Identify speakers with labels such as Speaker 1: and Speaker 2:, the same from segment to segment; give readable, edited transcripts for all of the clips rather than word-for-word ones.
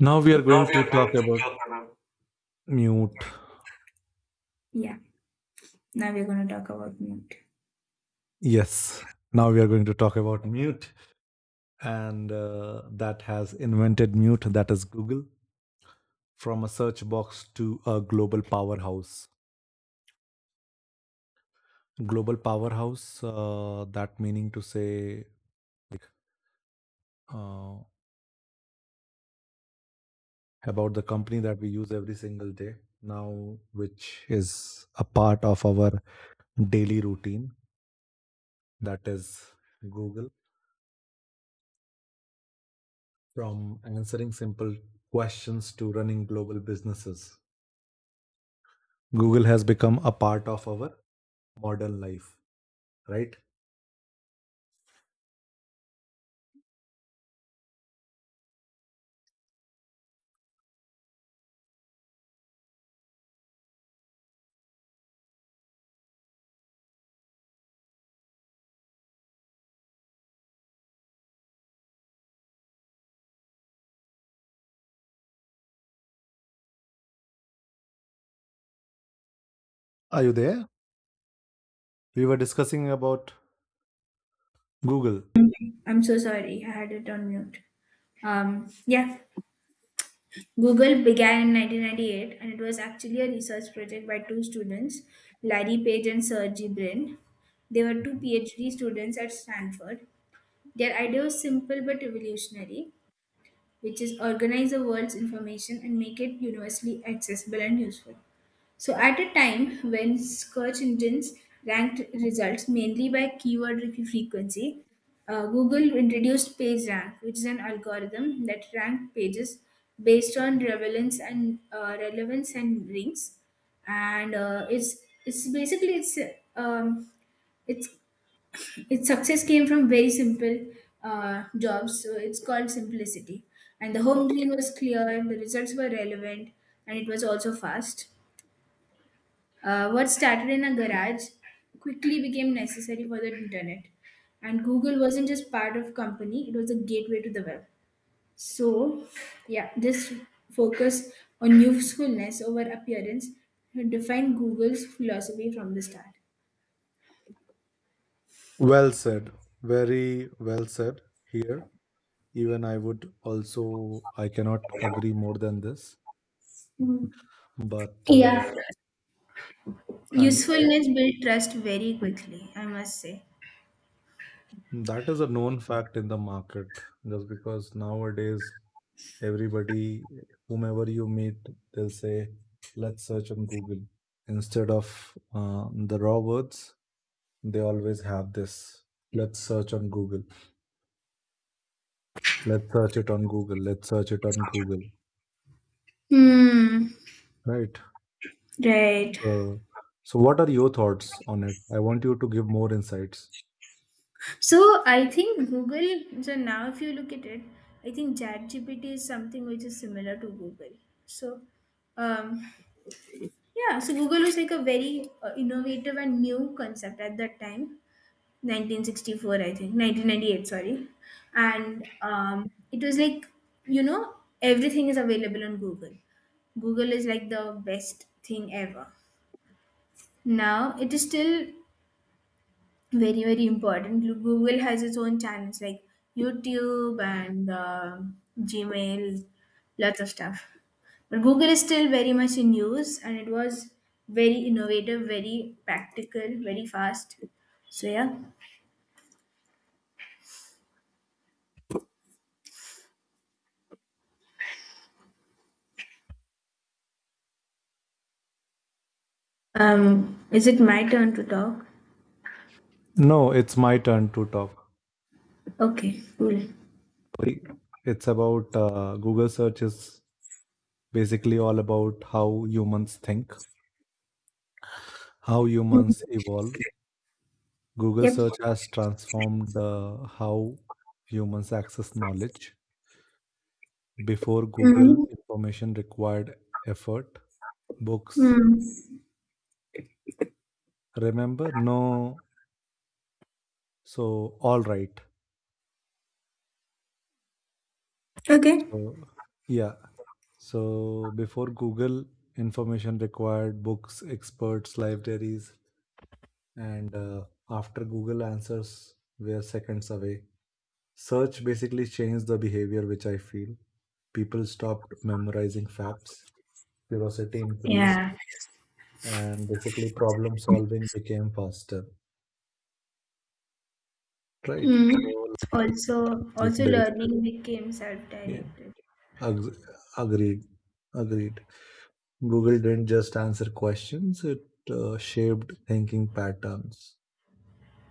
Speaker 1: Now we are
Speaker 2: Now
Speaker 1: going
Speaker 2: we
Speaker 1: to
Speaker 2: are
Speaker 1: talk
Speaker 2: going to
Speaker 1: about
Speaker 2: talk about.
Speaker 1: mute.
Speaker 2: Yeah, now we're gonna talk about mute.
Speaker 1: Yes, now we are going to talk about mute, and that has invented mute, that is Google, from a search box to a global powerhouse. Global powerhouse, that meaning to say like, uh, about the company that we use every single day now, which is a part of our daily routine, that is Google. From answering simple questions to running global businesses, Google has become a part of our modern life, right? Are you there? We were discussing about Google.
Speaker 2: I'm so sorry, I had it on mute. Um, yeah, Google began in 1998 and it was actually a research project by two students, Larry Page and Sergey Brin. They were two
Speaker 1: Mhm.
Speaker 2: PhD students at Stanford. Their idea was simple but revolutionary, which is organize the world's information and make it universally accessible and useful. So, at a time when search engines ranked results mainly by frequency, Google introduced PageRank, which is an algorithm that ranked pages based on relevance and links, and it's basically um, it's its success came from very simple jobs. So it's called simplicity, and the home screen was clear, the results were relevant, and it was also fast. What started in a garage quickly became necessary for the internet. And Google wasn't just part of company, it was a gateway to the web. So, yeah, this focus on usefulness over appearance defined Google's philosophy from the start.
Speaker 1: Well said. Very well said here. Even I would also, I cannot agree more than this. But, uh,
Speaker 2: Yeah.
Speaker 1: and I,
Speaker 2: Usefulness built trust very quickly, I must say.
Speaker 1: that is a known fact in the market just because nowadays everybody, whomever you meet, they'll say, let's search on Google. Instead of the raw words, they always have this, let's search on Google. Let's search it on Google. Let's search it on Google.
Speaker 2: Hmm.
Speaker 1: Right.
Speaker 2: Right.
Speaker 1: Uh, so, what are your thoughts on it? I want you to give more insights.
Speaker 2: So I think Google. So now, if you look at it, I think ChatGPT is something which is similar to Google. So, um, yeah. So Google was like a very innovative and new concept at that time, 1964, I think, 1998. Sorry, and it was like you know everything is available on Google. Google is like the best thing ever. Now it is still very, very important. Google has its own channels like YouTube and Gmail, lots of stuff, but Google is still very much in use, and it was very innovative, very practical, very fast. so yeah is it my turn to talk?
Speaker 1: No, it's my turn to talk.
Speaker 2: Okay, cool.
Speaker 1: It's about Google search is basically all about how humans think, how humans
Speaker 2: Mhm.
Speaker 1: evolve. Google
Speaker 2: Yep.
Speaker 1: search has transformed how humans access knowledge. Before Google,
Speaker 2: Mhm.
Speaker 1: information required effort, books.
Speaker 2: Hmm.
Speaker 1: Remember? No. So, all right.
Speaker 2: Okay.
Speaker 1: So, yeah. So, before Google, information required books, experts, libraries, and after Google answers were seconds away. Search basically changed the behavior, which I feel people stopped memorizing facts, curiosity increased,
Speaker 2: Yeah.
Speaker 1: and basically problem solving became faster, right?
Speaker 2: Hmm.
Speaker 1: So like,
Speaker 2: Also
Speaker 1: directed,
Speaker 2: learning became
Speaker 1: yeah.
Speaker 2: self-directed.
Speaker 1: ag- Agreed, agreed. Google didn't just answer questions, it shaped thinking patterns.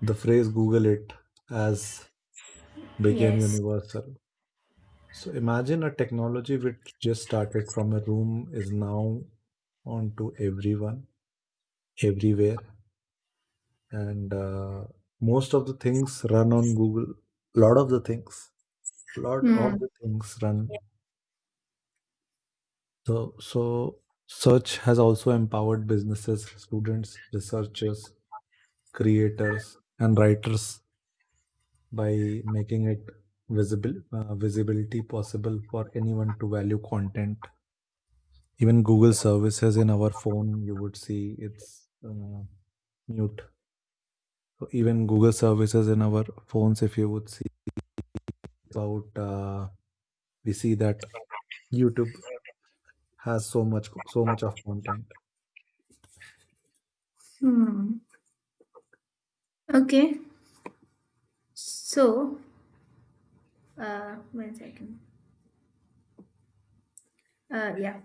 Speaker 1: The phrase "Google it" as became
Speaker 2: Yes.
Speaker 1: universal. So imagine a technology which just started from a room is now onto everyone everywhere, and most of the things run on Google, lot of the things lot of
Speaker 2: Hmm.
Speaker 1: the things run. So search has also empowered businesses, students, researchers, creators and writers by making it visible, visibility possible for anyone to value content. Even Google services in our phone, you would see it's mute. So even Google services in our phones, if you would see about we see that YouTube has so much of content.
Speaker 2: Hmm. Okay. So, one second. Uh, yeah.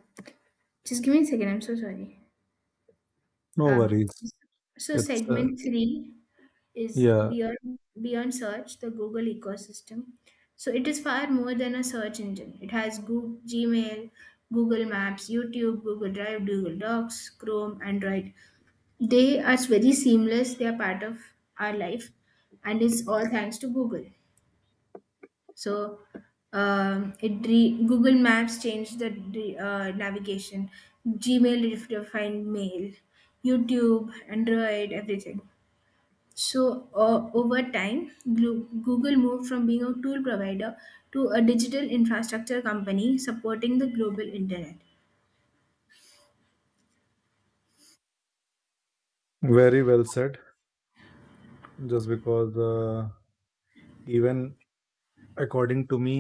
Speaker 2: Just give me a second. I'm so sorry.
Speaker 1: No
Speaker 2: Um.
Speaker 1: worries.
Speaker 2: So
Speaker 1: It's
Speaker 2: segment three is
Speaker 1: Yeah,
Speaker 2: beyond search, the Google ecosystem. So it is far more than a search engine. It has Google, Gmail, Google Maps, YouTube, Google Drive, Google Docs, Chrome, Android. They are very seamless. They are part of our life, and it's all thanks to Google. So Google Maps changed navigation. Gmail redefined mail. YouTube, Android, everything. So over time, Google moved from being a tool provider to a digital infrastructure company supporting the global internet.
Speaker 1: very well said. Just because even according to me,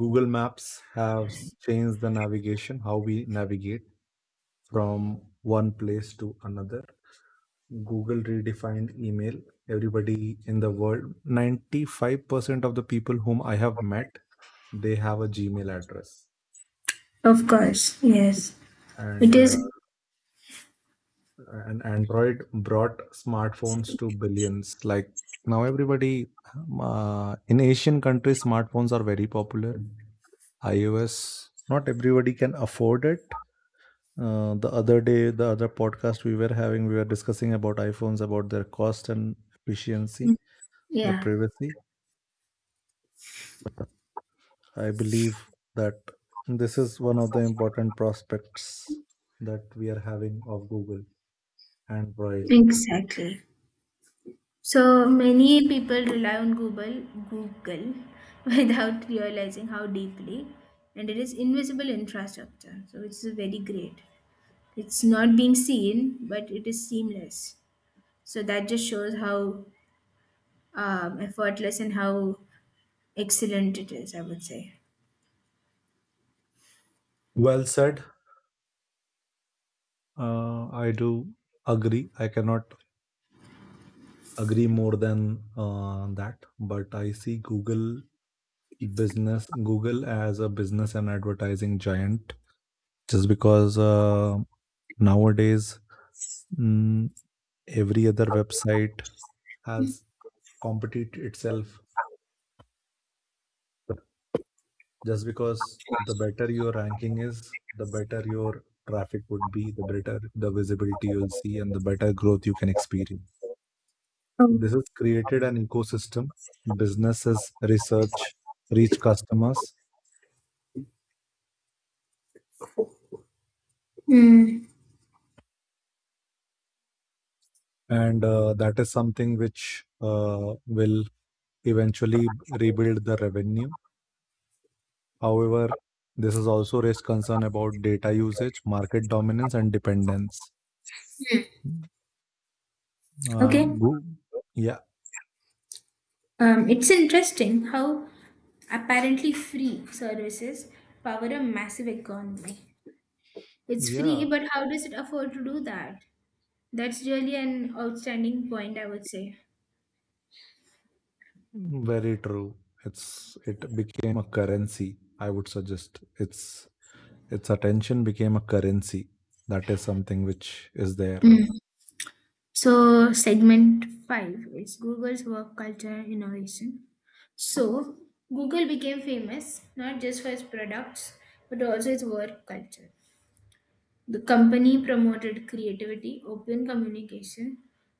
Speaker 1: Google Maps has changed the navigation, how we navigate from one place to another. Google redefined email. Everybody in the world, 95% of the people whom I have met, they have a Gmail address,
Speaker 2: Of course, yes. It
Speaker 1: and
Speaker 2: is,
Speaker 1: and android brought smartphones to billions. Like, now everybody, in Asian countries smartphones are very popular. iOS, not everybody can afford it. The other day, the other podcast we were having, we were discussing about iPhones, about their cost and efficiency, the
Speaker 2: yeah,
Speaker 1: privacy. I believe that this is one of the important prospects that we are having of Google Android.
Speaker 2: exactly. So many people rely on Google, Google without realizing how deeply, and it is invisible infrastructure. So it's very great. It's not being seen, but it is seamless. So that just shows how effortless and how excellent it is. I would say.
Speaker 1: Well said. I do agree. I cannot agree more than that, but I see Google business, Google as a business and advertising giant, just because nowadays mm, every other website has competed itself. Just because the better your ranking is, the better your traffic would be, the better the visibility you'll see, and the better growth you can experience. This
Speaker 2: Oh,
Speaker 1: has created an ecosystem. Businesses research, reach customers,
Speaker 2: hmm,
Speaker 1: and that is something which will eventually rebuild the revenue. However, this has also raised concern about data usage, market dominance, and dependence. Uh,
Speaker 2: okay.
Speaker 1: Goo- yeah,
Speaker 2: It's interesting how apparently free services power a massive economy. It's free,
Speaker 1: yeah,
Speaker 2: but how does it afford to do that? That's really an outstanding point, I would say.
Speaker 1: Very true. It became a currency. I would suggest its attention became a currency. That is something which is there.
Speaker 2: Mm. So, segment five is Google's work culture and innovation. So, Google became famous not just for its products but also its work culture. The company promoted creativity, open communication,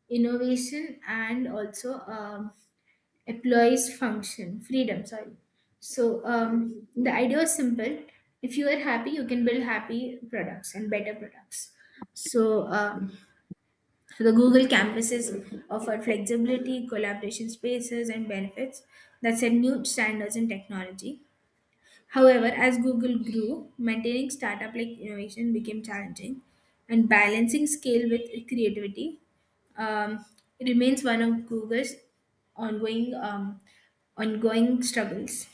Speaker 2: innovation, and also a employees function freedom sorry. So the idea is simple. If you are happy, you can build happy products and better products. So the Google campuses offer flexibility, collaboration spaces, and benefits that set new standards in technology. However, as Google grew, maintaining startup like innovation became challenging, and balancing scale with creativity um, remains one of Google's ongoing um, ongoing struggles.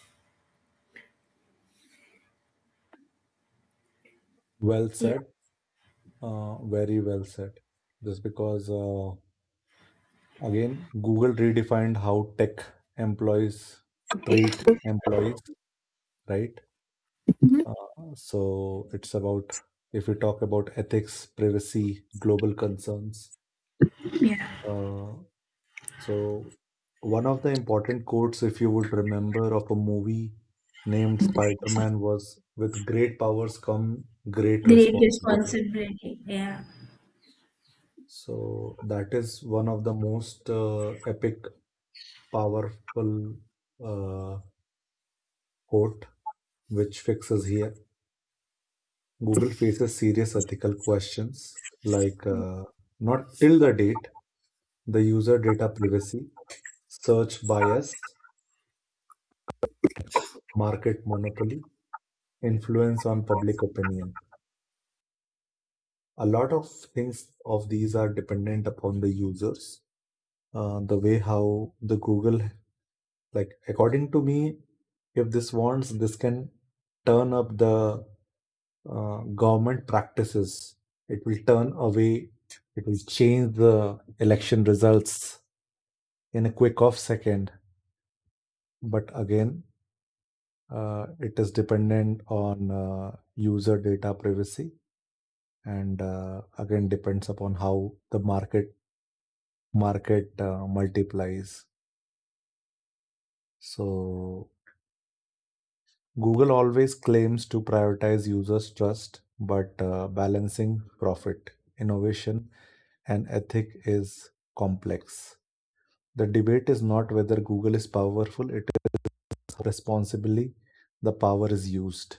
Speaker 1: Well
Speaker 2: Yeah,
Speaker 1: said. Very well said. Just because, again, Google redefined how tech employees treat employees, right? So it's about, if we talk about ethics, privacy, global concerns.
Speaker 2: yeah,
Speaker 1: Uh, so one of the important quotes, if you would remember, of a movie named Spider-Man was, with great powers come great
Speaker 2: great
Speaker 1: responsibility.
Speaker 2: responsibility. Yeah,
Speaker 1: So that is one of the most epic, powerful uh, quote which fixes here. Google faces serious ethical questions like not till the date, the user data privacy, search bias, market monopoly, influence on public opinion. A lot of things of these are dependent upon the users. The way how the Google, like according to me, if this wants, this can turn up the government practices. It will turn away. It will change the election results in a quick off second. But again, it is dependent on user data privacy, and again depends upon how the market multiplies. So Google always claims to prioritize users' trust, but balancing profit, innovation, and ethic is complex. The debate is not whether Google is powerful, it is responsibly the power is used.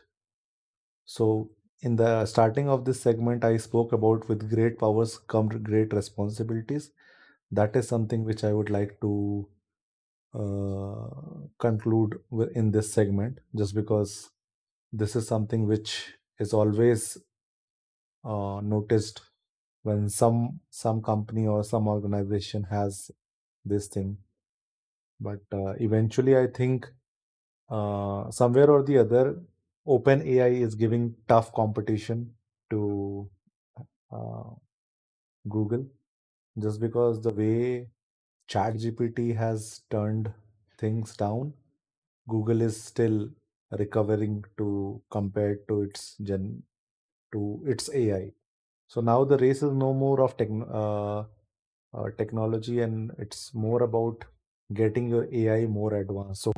Speaker 1: So, in the starting of this segment, I spoke about with great powers come great responsibilities. That is something which I would like to uh, conclude with- in this segment, just because this is something which is always noticed when some company or some organization has this thing, but eventually I think somewhere or the other, open ai is giving tough competition to uh, Google, just because the way chat gpt has turned things down, Google is still recovering to compared to its gen, to its AI. So now the race is no more of technology, and it's more about getting your AI more advanced. So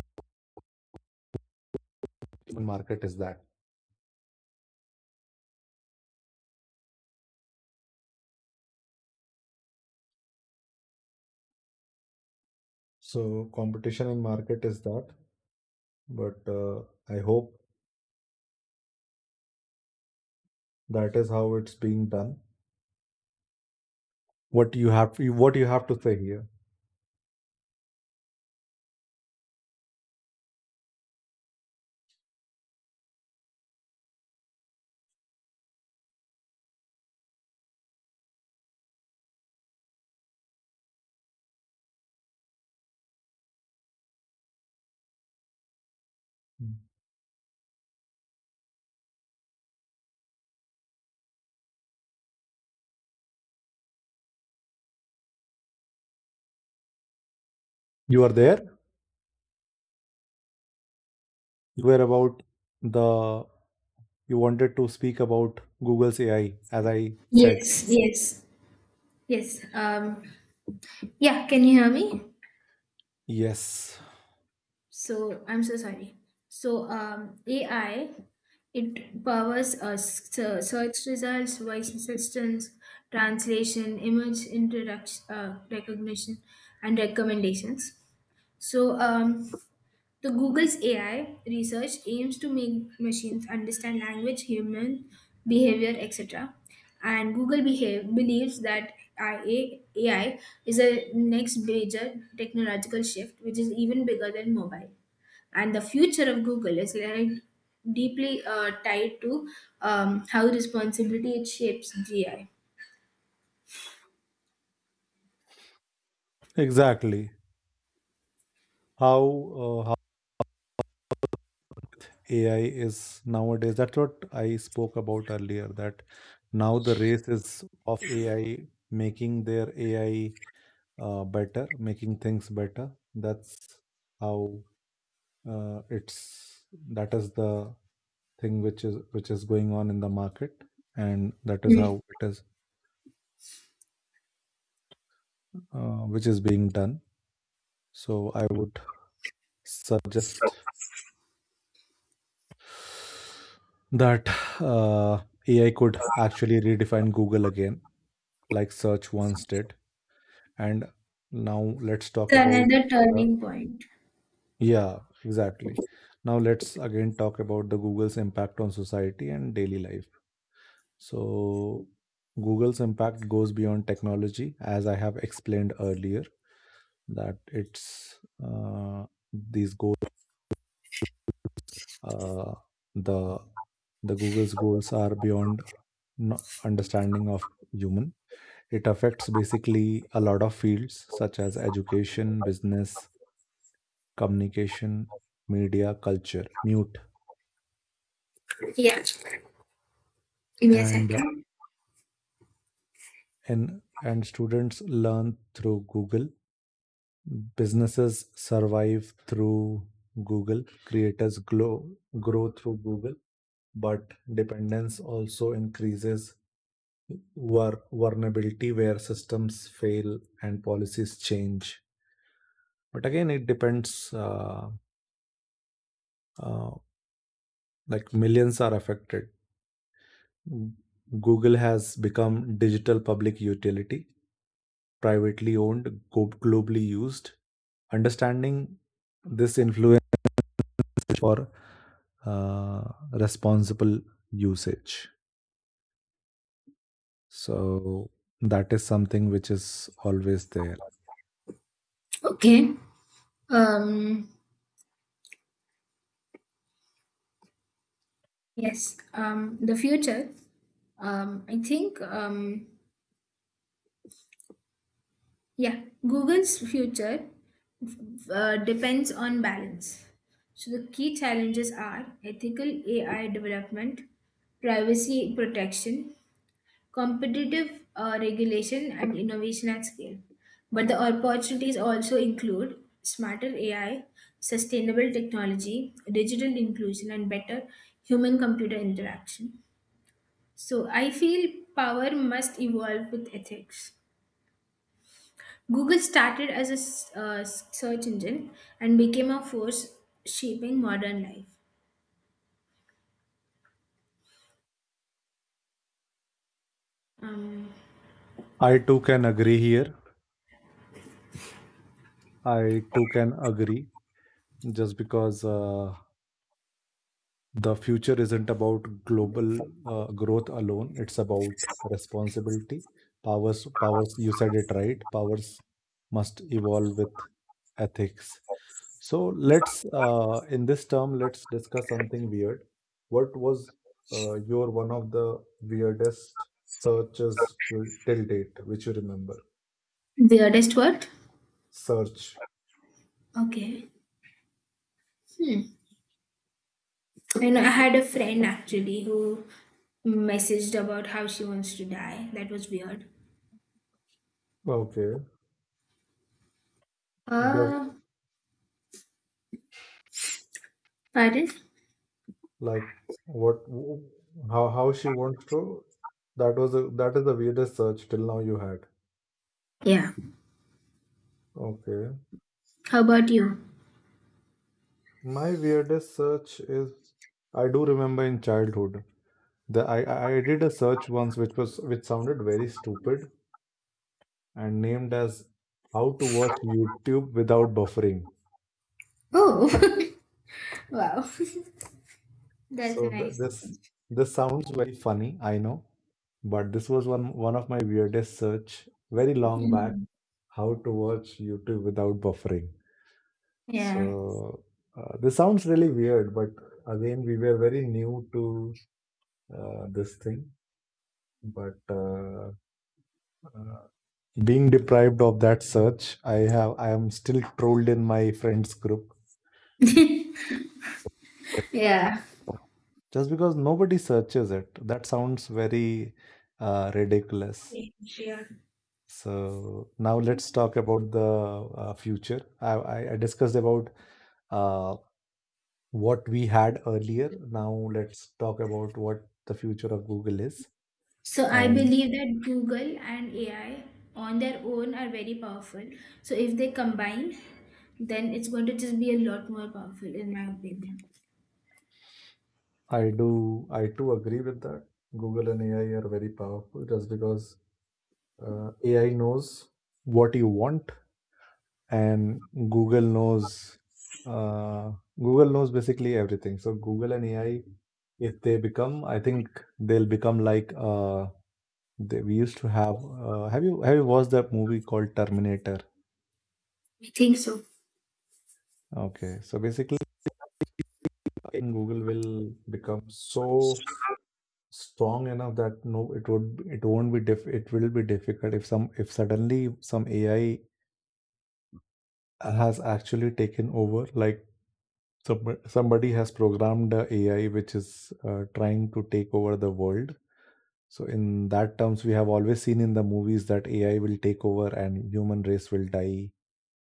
Speaker 1: market is that. So competition in market is that. But I hope that is how it's being done. what you have what you have to say here? You are there. You were about the, you wanted to speak about Google's AI, as I said.
Speaker 2: yes, yes, yes. Yeah, can you hear me?
Speaker 1: Yes,
Speaker 2: So I'm so sorry. So AI, it powers search results, voice assistance, translation, recognition, and recommendations. So the Google's AI research aims to make machines understand language, human behavior, etc. And believes that AI is a next major technological shift, which is even bigger than mobile, and the future of Google is like deeply tied to how responsibility it shapes gi.
Speaker 1: exactly. How AI is nowadays. That's what I spoke about earlier, that now the race is of AI making their AI better, making things better. That's how it's that is the thing which is going on in the market, and that is
Speaker 2: Hmm.
Speaker 1: how it is which is being done. So I would suggest that uh, AI could actually redefine Google again, like search once did. And now let's talk
Speaker 2: It's
Speaker 1: about
Speaker 2: another
Speaker 1: the,
Speaker 2: turning point.
Speaker 1: yeah, exactly, now let's again talk about the Google's impact on society and daily life. So Google's impact goes beyond technology, as I have explained earlier, that it's these goals, uh, the the Google's goals are beyond understanding of human. It affects basically a lot of fields such as education, business, communication, media, culture, mute,
Speaker 2: Yeah Give me a
Speaker 1: and uh,
Speaker 2: second.
Speaker 1: and students learn through Google. Businesses survive through Google. Creators grow through Google, but dependence also increases. War, vulnerability where systems fail and policies change. But again, it depends. Uh, like, millions are affected. Google has become digital public utility, privately owned, globally used. Understanding this influence for uh, responsible usage. So that is something which is always there.
Speaker 2: okay um yes. um the future. I think yeah Google's future depends on balance. So the key challenges are ethical AI development, privacy protection, competitive regulation, and innovation at scale. But the opportunities also include smarter AI, sustainable technology, digital inclusion, and better human computer interaction. So I feel power must evolve with ethics. Google started as a search engine and became a force shaping modern life. Um,
Speaker 1: I too can agree here. I too can agree just because the future isn't about global growth alone. It's about responsibility. Powers, powers. You said it right. Powers must evolve with ethics. So let's, in this term, let's discuss something weird. What was your one of the weirdest searches till date, which you remember?
Speaker 2: weirdest word?
Speaker 1: Search.
Speaker 2: Okay. Hmm. And I had a friend actually who messaged about how she wants to die. That was weird.
Speaker 1: Okay. Does,
Speaker 2: Uh, pardon?
Speaker 1: like what? How she wants to? That was a, that is the weirdest search till now you had.
Speaker 2: Yeah.
Speaker 1: Okay.
Speaker 2: How about you?
Speaker 1: My weirdest search is I do remember in childhood. The I did a search once which was which sounded very stupid and named as "How to Watch YouTube Without Buffering."
Speaker 2: Oh, wow. That's a
Speaker 1: So
Speaker 2: nice.
Speaker 1: this, this sounds very funny, I know, but this was one of my weirdest search very long back.
Speaker 2: Mhm.
Speaker 1: How to watch YouTube without buffering.
Speaker 2: Yeah.
Speaker 1: So this sounds really weird, but again, we were very new to this thing. But uh, being deprived of that search, I am still trolled in my friends group
Speaker 2: yeah.
Speaker 1: just because nobody searches it. That sounds very ridiculous.
Speaker 2: Yeah.
Speaker 1: So now let's talk about the future. I discussed about uh, what we had earlier. Now let's talk about what the future of Google is.
Speaker 2: So I
Speaker 1: And
Speaker 2: believe that Google and AI on their own are very powerful. So if they combine, then it's going to just be a lot more powerful, in my opinion.
Speaker 1: I do, I too agree with that. Google and AI are very powerful just because AI knows what you want and uh, Google knows basically everything. So Google and AI, if they become, I think they'll become like they, we used to have. Have you, have you watched that movie called Terminator?
Speaker 2: I think so.
Speaker 1: Okay, so basically, I think Google will become so strong enough that no, it would, it won't be diff, it will be difficult if some, if suddenly some AI has actually taken over, like some, somebody has programmed a AI which is trying to take over the world. So in that terms, we have always seen in the movies that AI will take over and human race will die,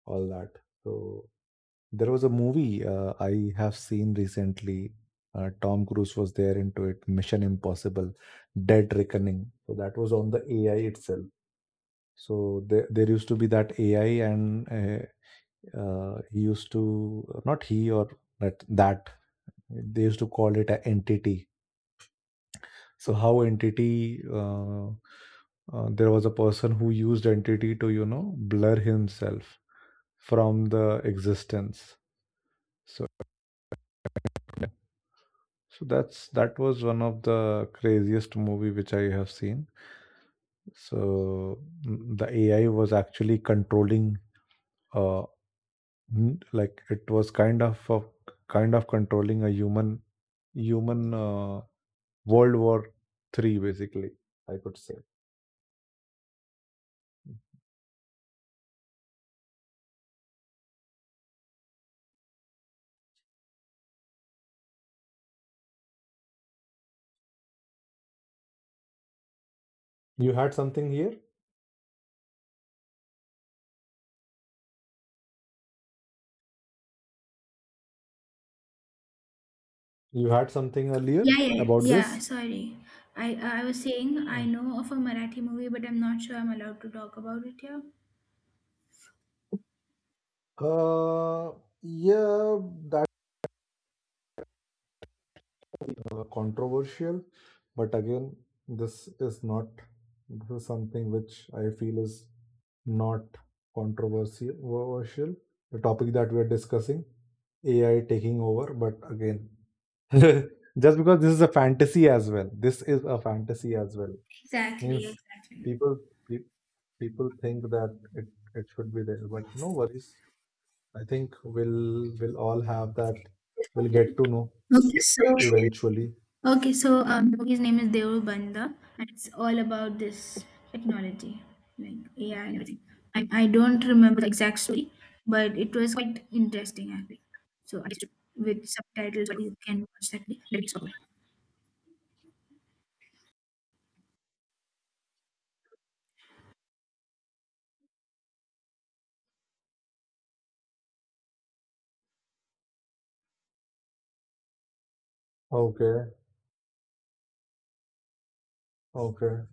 Speaker 1: all that. So there was a movie I have seen recently. Tom Cruise was there into it, Mission Impossible, Dead Reckoning. So that was on the AI itself. So there used to be that AI, and he used to not he or that they used to call it an entity. So how entity there was a person who used entity to blur himself from the existence. So so that was one of the craziest movie which I have seen. So the AI was actually controlling uh like it was kind of controlling a human, World War III basically, I could say. You had something here? You had something earlier about
Speaker 2: Yeah.
Speaker 1: this?
Speaker 2: Sorry, I I was saying
Speaker 1: Uh,
Speaker 2: I know of a Marathi movie, but I'm not sure I'm allowed to talk about it here.
Speaker 1: yeah, that controversial, but again, this is not, this is something which I feel is not controversial. The topic that we are discussing, AI taking over, but again, just because this is a fantasy as well, this is a fantasy as well.
Speaker 2: Exactly,
Speaker 1: Means
Speaker 2: exactly.
Speaker 1: people pe- people think that it should be there, but no worries. I think we'll all have that. We'll get to know
Speaker 2: Okay, so
Speaker 1: eventually.
Speaker 2: okay, so the movie's name is Devu Banda, and it's all about this technology, like AI and everything. I don't remember the exact story, but it was quite interesting actually. So I just with subtitles, but you can watch that. Let it go.
Speaker 1: Okay, okay,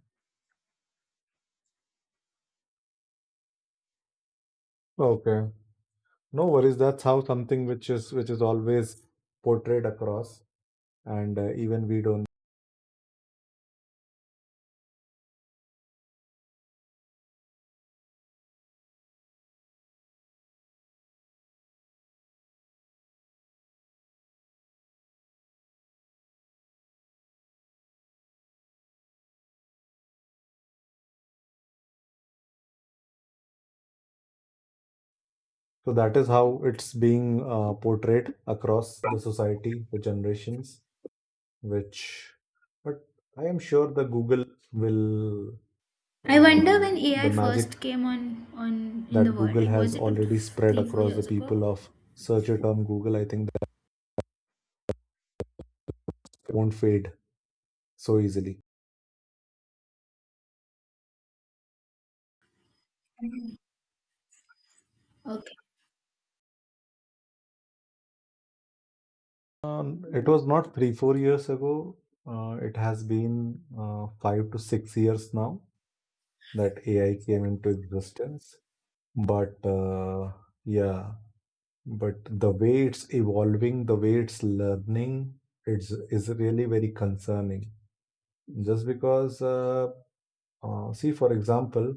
Speaker 1: okay. No worries. That's how something which is always portrayed across, and even we don't. So that is how it's being portrayed across the society, the generations. Which, but I am sure the Google will
Speaker 2: I wonder
Speaker 1: uh,
Speaker 2: when
Speaker 1: the
Speaker 2: AI
Speaker 1: magic
Speaker 2: first came on in the
Speaker 1: that
Speaker 2: world.
Speaker 1: Google
Speaker 2: Like,
Speaker 1: has
Speaker 2: was it
Speaker 1: already spread
Speaker 2: three, four
Speaker 1: across the
Speaker 2: years ago?
Speaker 1: people of search a term Google, I think that won't fade so easily.
Speaker 2: Okay.
Speaker 1: It was not 3, 4 years ago. It has been 5 to 6 years now that AI came into existence. But yeah, but the way it's evolving, the way it's learning, it's is really very concerning. Just because, see, for example,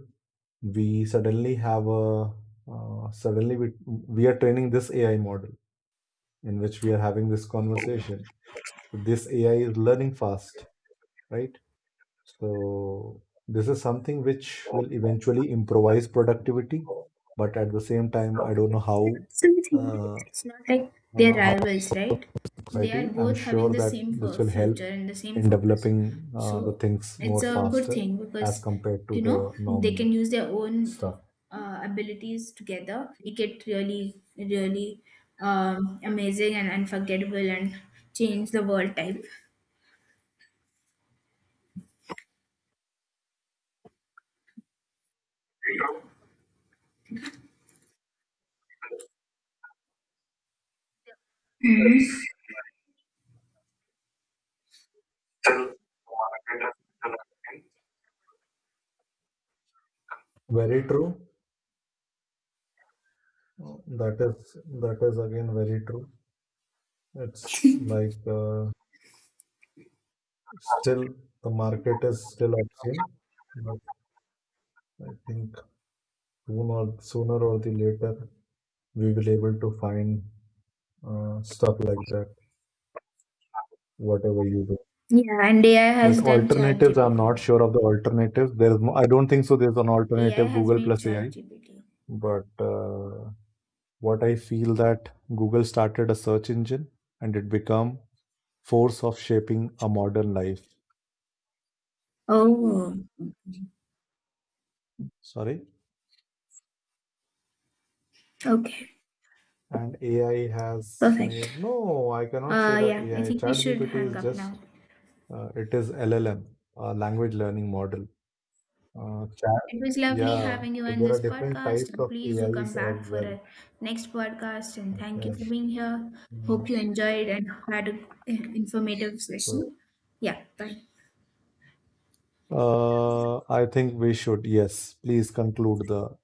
Speaker 1: we suddenly have a suddenly we are training this ai model in which we are having this conversation, so this ai is learning fast, right? So this is something which will eventually improvise productivity, but at the same time, I don't know
Speaker 2: So the thing is,
Speaker 1: uh,
Speaker 2: it's not like they're
Speaker 1: how
Speaker 2: rivals, right? They are
Speaker 1: society, I'm
Speaker 2: both having
Speaker 1: sure
Speaker 2: the
Speaker 1: that
Speaker 2: same
Speaker 1: this
Speaker 2: for
Speaker 1: will help
Speaker 2: future and the same
Speaker 1: in
Speaker 2: focus.
Speaker 1: developing the
Speaker 2: So
Speaker 1: things more
Speaker 2: it's a good
Speaker 1: faster
Speaker 2: thing
Speaker 1: as
Speaker 2: because
Speaker 1: compared to
Speaker 2: you
Speaker 1: the
Speaker 2: know they
Speaker 1: normal
Speaker 2: can use their own
Speaker 1: stuff.
Speaker 2: abilities together. Make it really, really amazing and unforgettable and change the world type. Mhm.
Speaker 1: Very true. Oh, that is again very true. It's like still the market is still obscene, but I think sooner or the later we will able to find stuff like that, whatever you do.
Speaker 2: Yeah, and AI
Speaker 1: But
Speaker 2: has done
Speaker 1: alternatives, I'm
Speaker 2: ChatGPT.
Speaker 1: not sure of the alternatives. There's no, I don't think so. There's an
Speaker 2: AI
Speaker 1: alternative
Speaker 2: has
Speaker 1: Google
Speaker 2: made
Speaker 1: plus AI,
Speaker 2: ChatGPT.
Speaker 1: but what I feel that Google started a search engine and it become force of shaping a modern life.
Speaker 2: Oh,
Speaker 1: Sorry.
Speaker 2: okay.
Speaker 1: And AI has made,
Speaker 2: Perfect.
Speaker 1: no, I cannot say that
Speaker 2: Yeah, I
Speaker 1: AI.
Speaker 2: think we should
Speaker 1: ChatGPT
Speaker 2: hang
Speaker 1: is
Speaker 2: up now.
Speaker 1: just, it is LLM, language learning model. Chat,
Speaker 2: It was lovely
Speaker 1: yeah.
Speaker 2: having you
Speaker 1: So
Speaker 2: on
Speaker 1: there
Speaker 2: this
Speaker 1: are different types
Speaker 2: podcast, and
Speaker 1: of
Speaker 2: please do come
Speaker 1: AIs as
Speaker 2: back for
Speaker 1: well.
Speaker 2: a next podcast. And thank
Speaker 1: Okay.
Speaker 2: you for being here.
Speaker 1: Mm.
Speaker 2: Hope you enjoyed and had an informative
Speaker 1: So,
Speaker 2: session. Yeah, bye.
Speaker 1: I think we should, yes, please conclude the,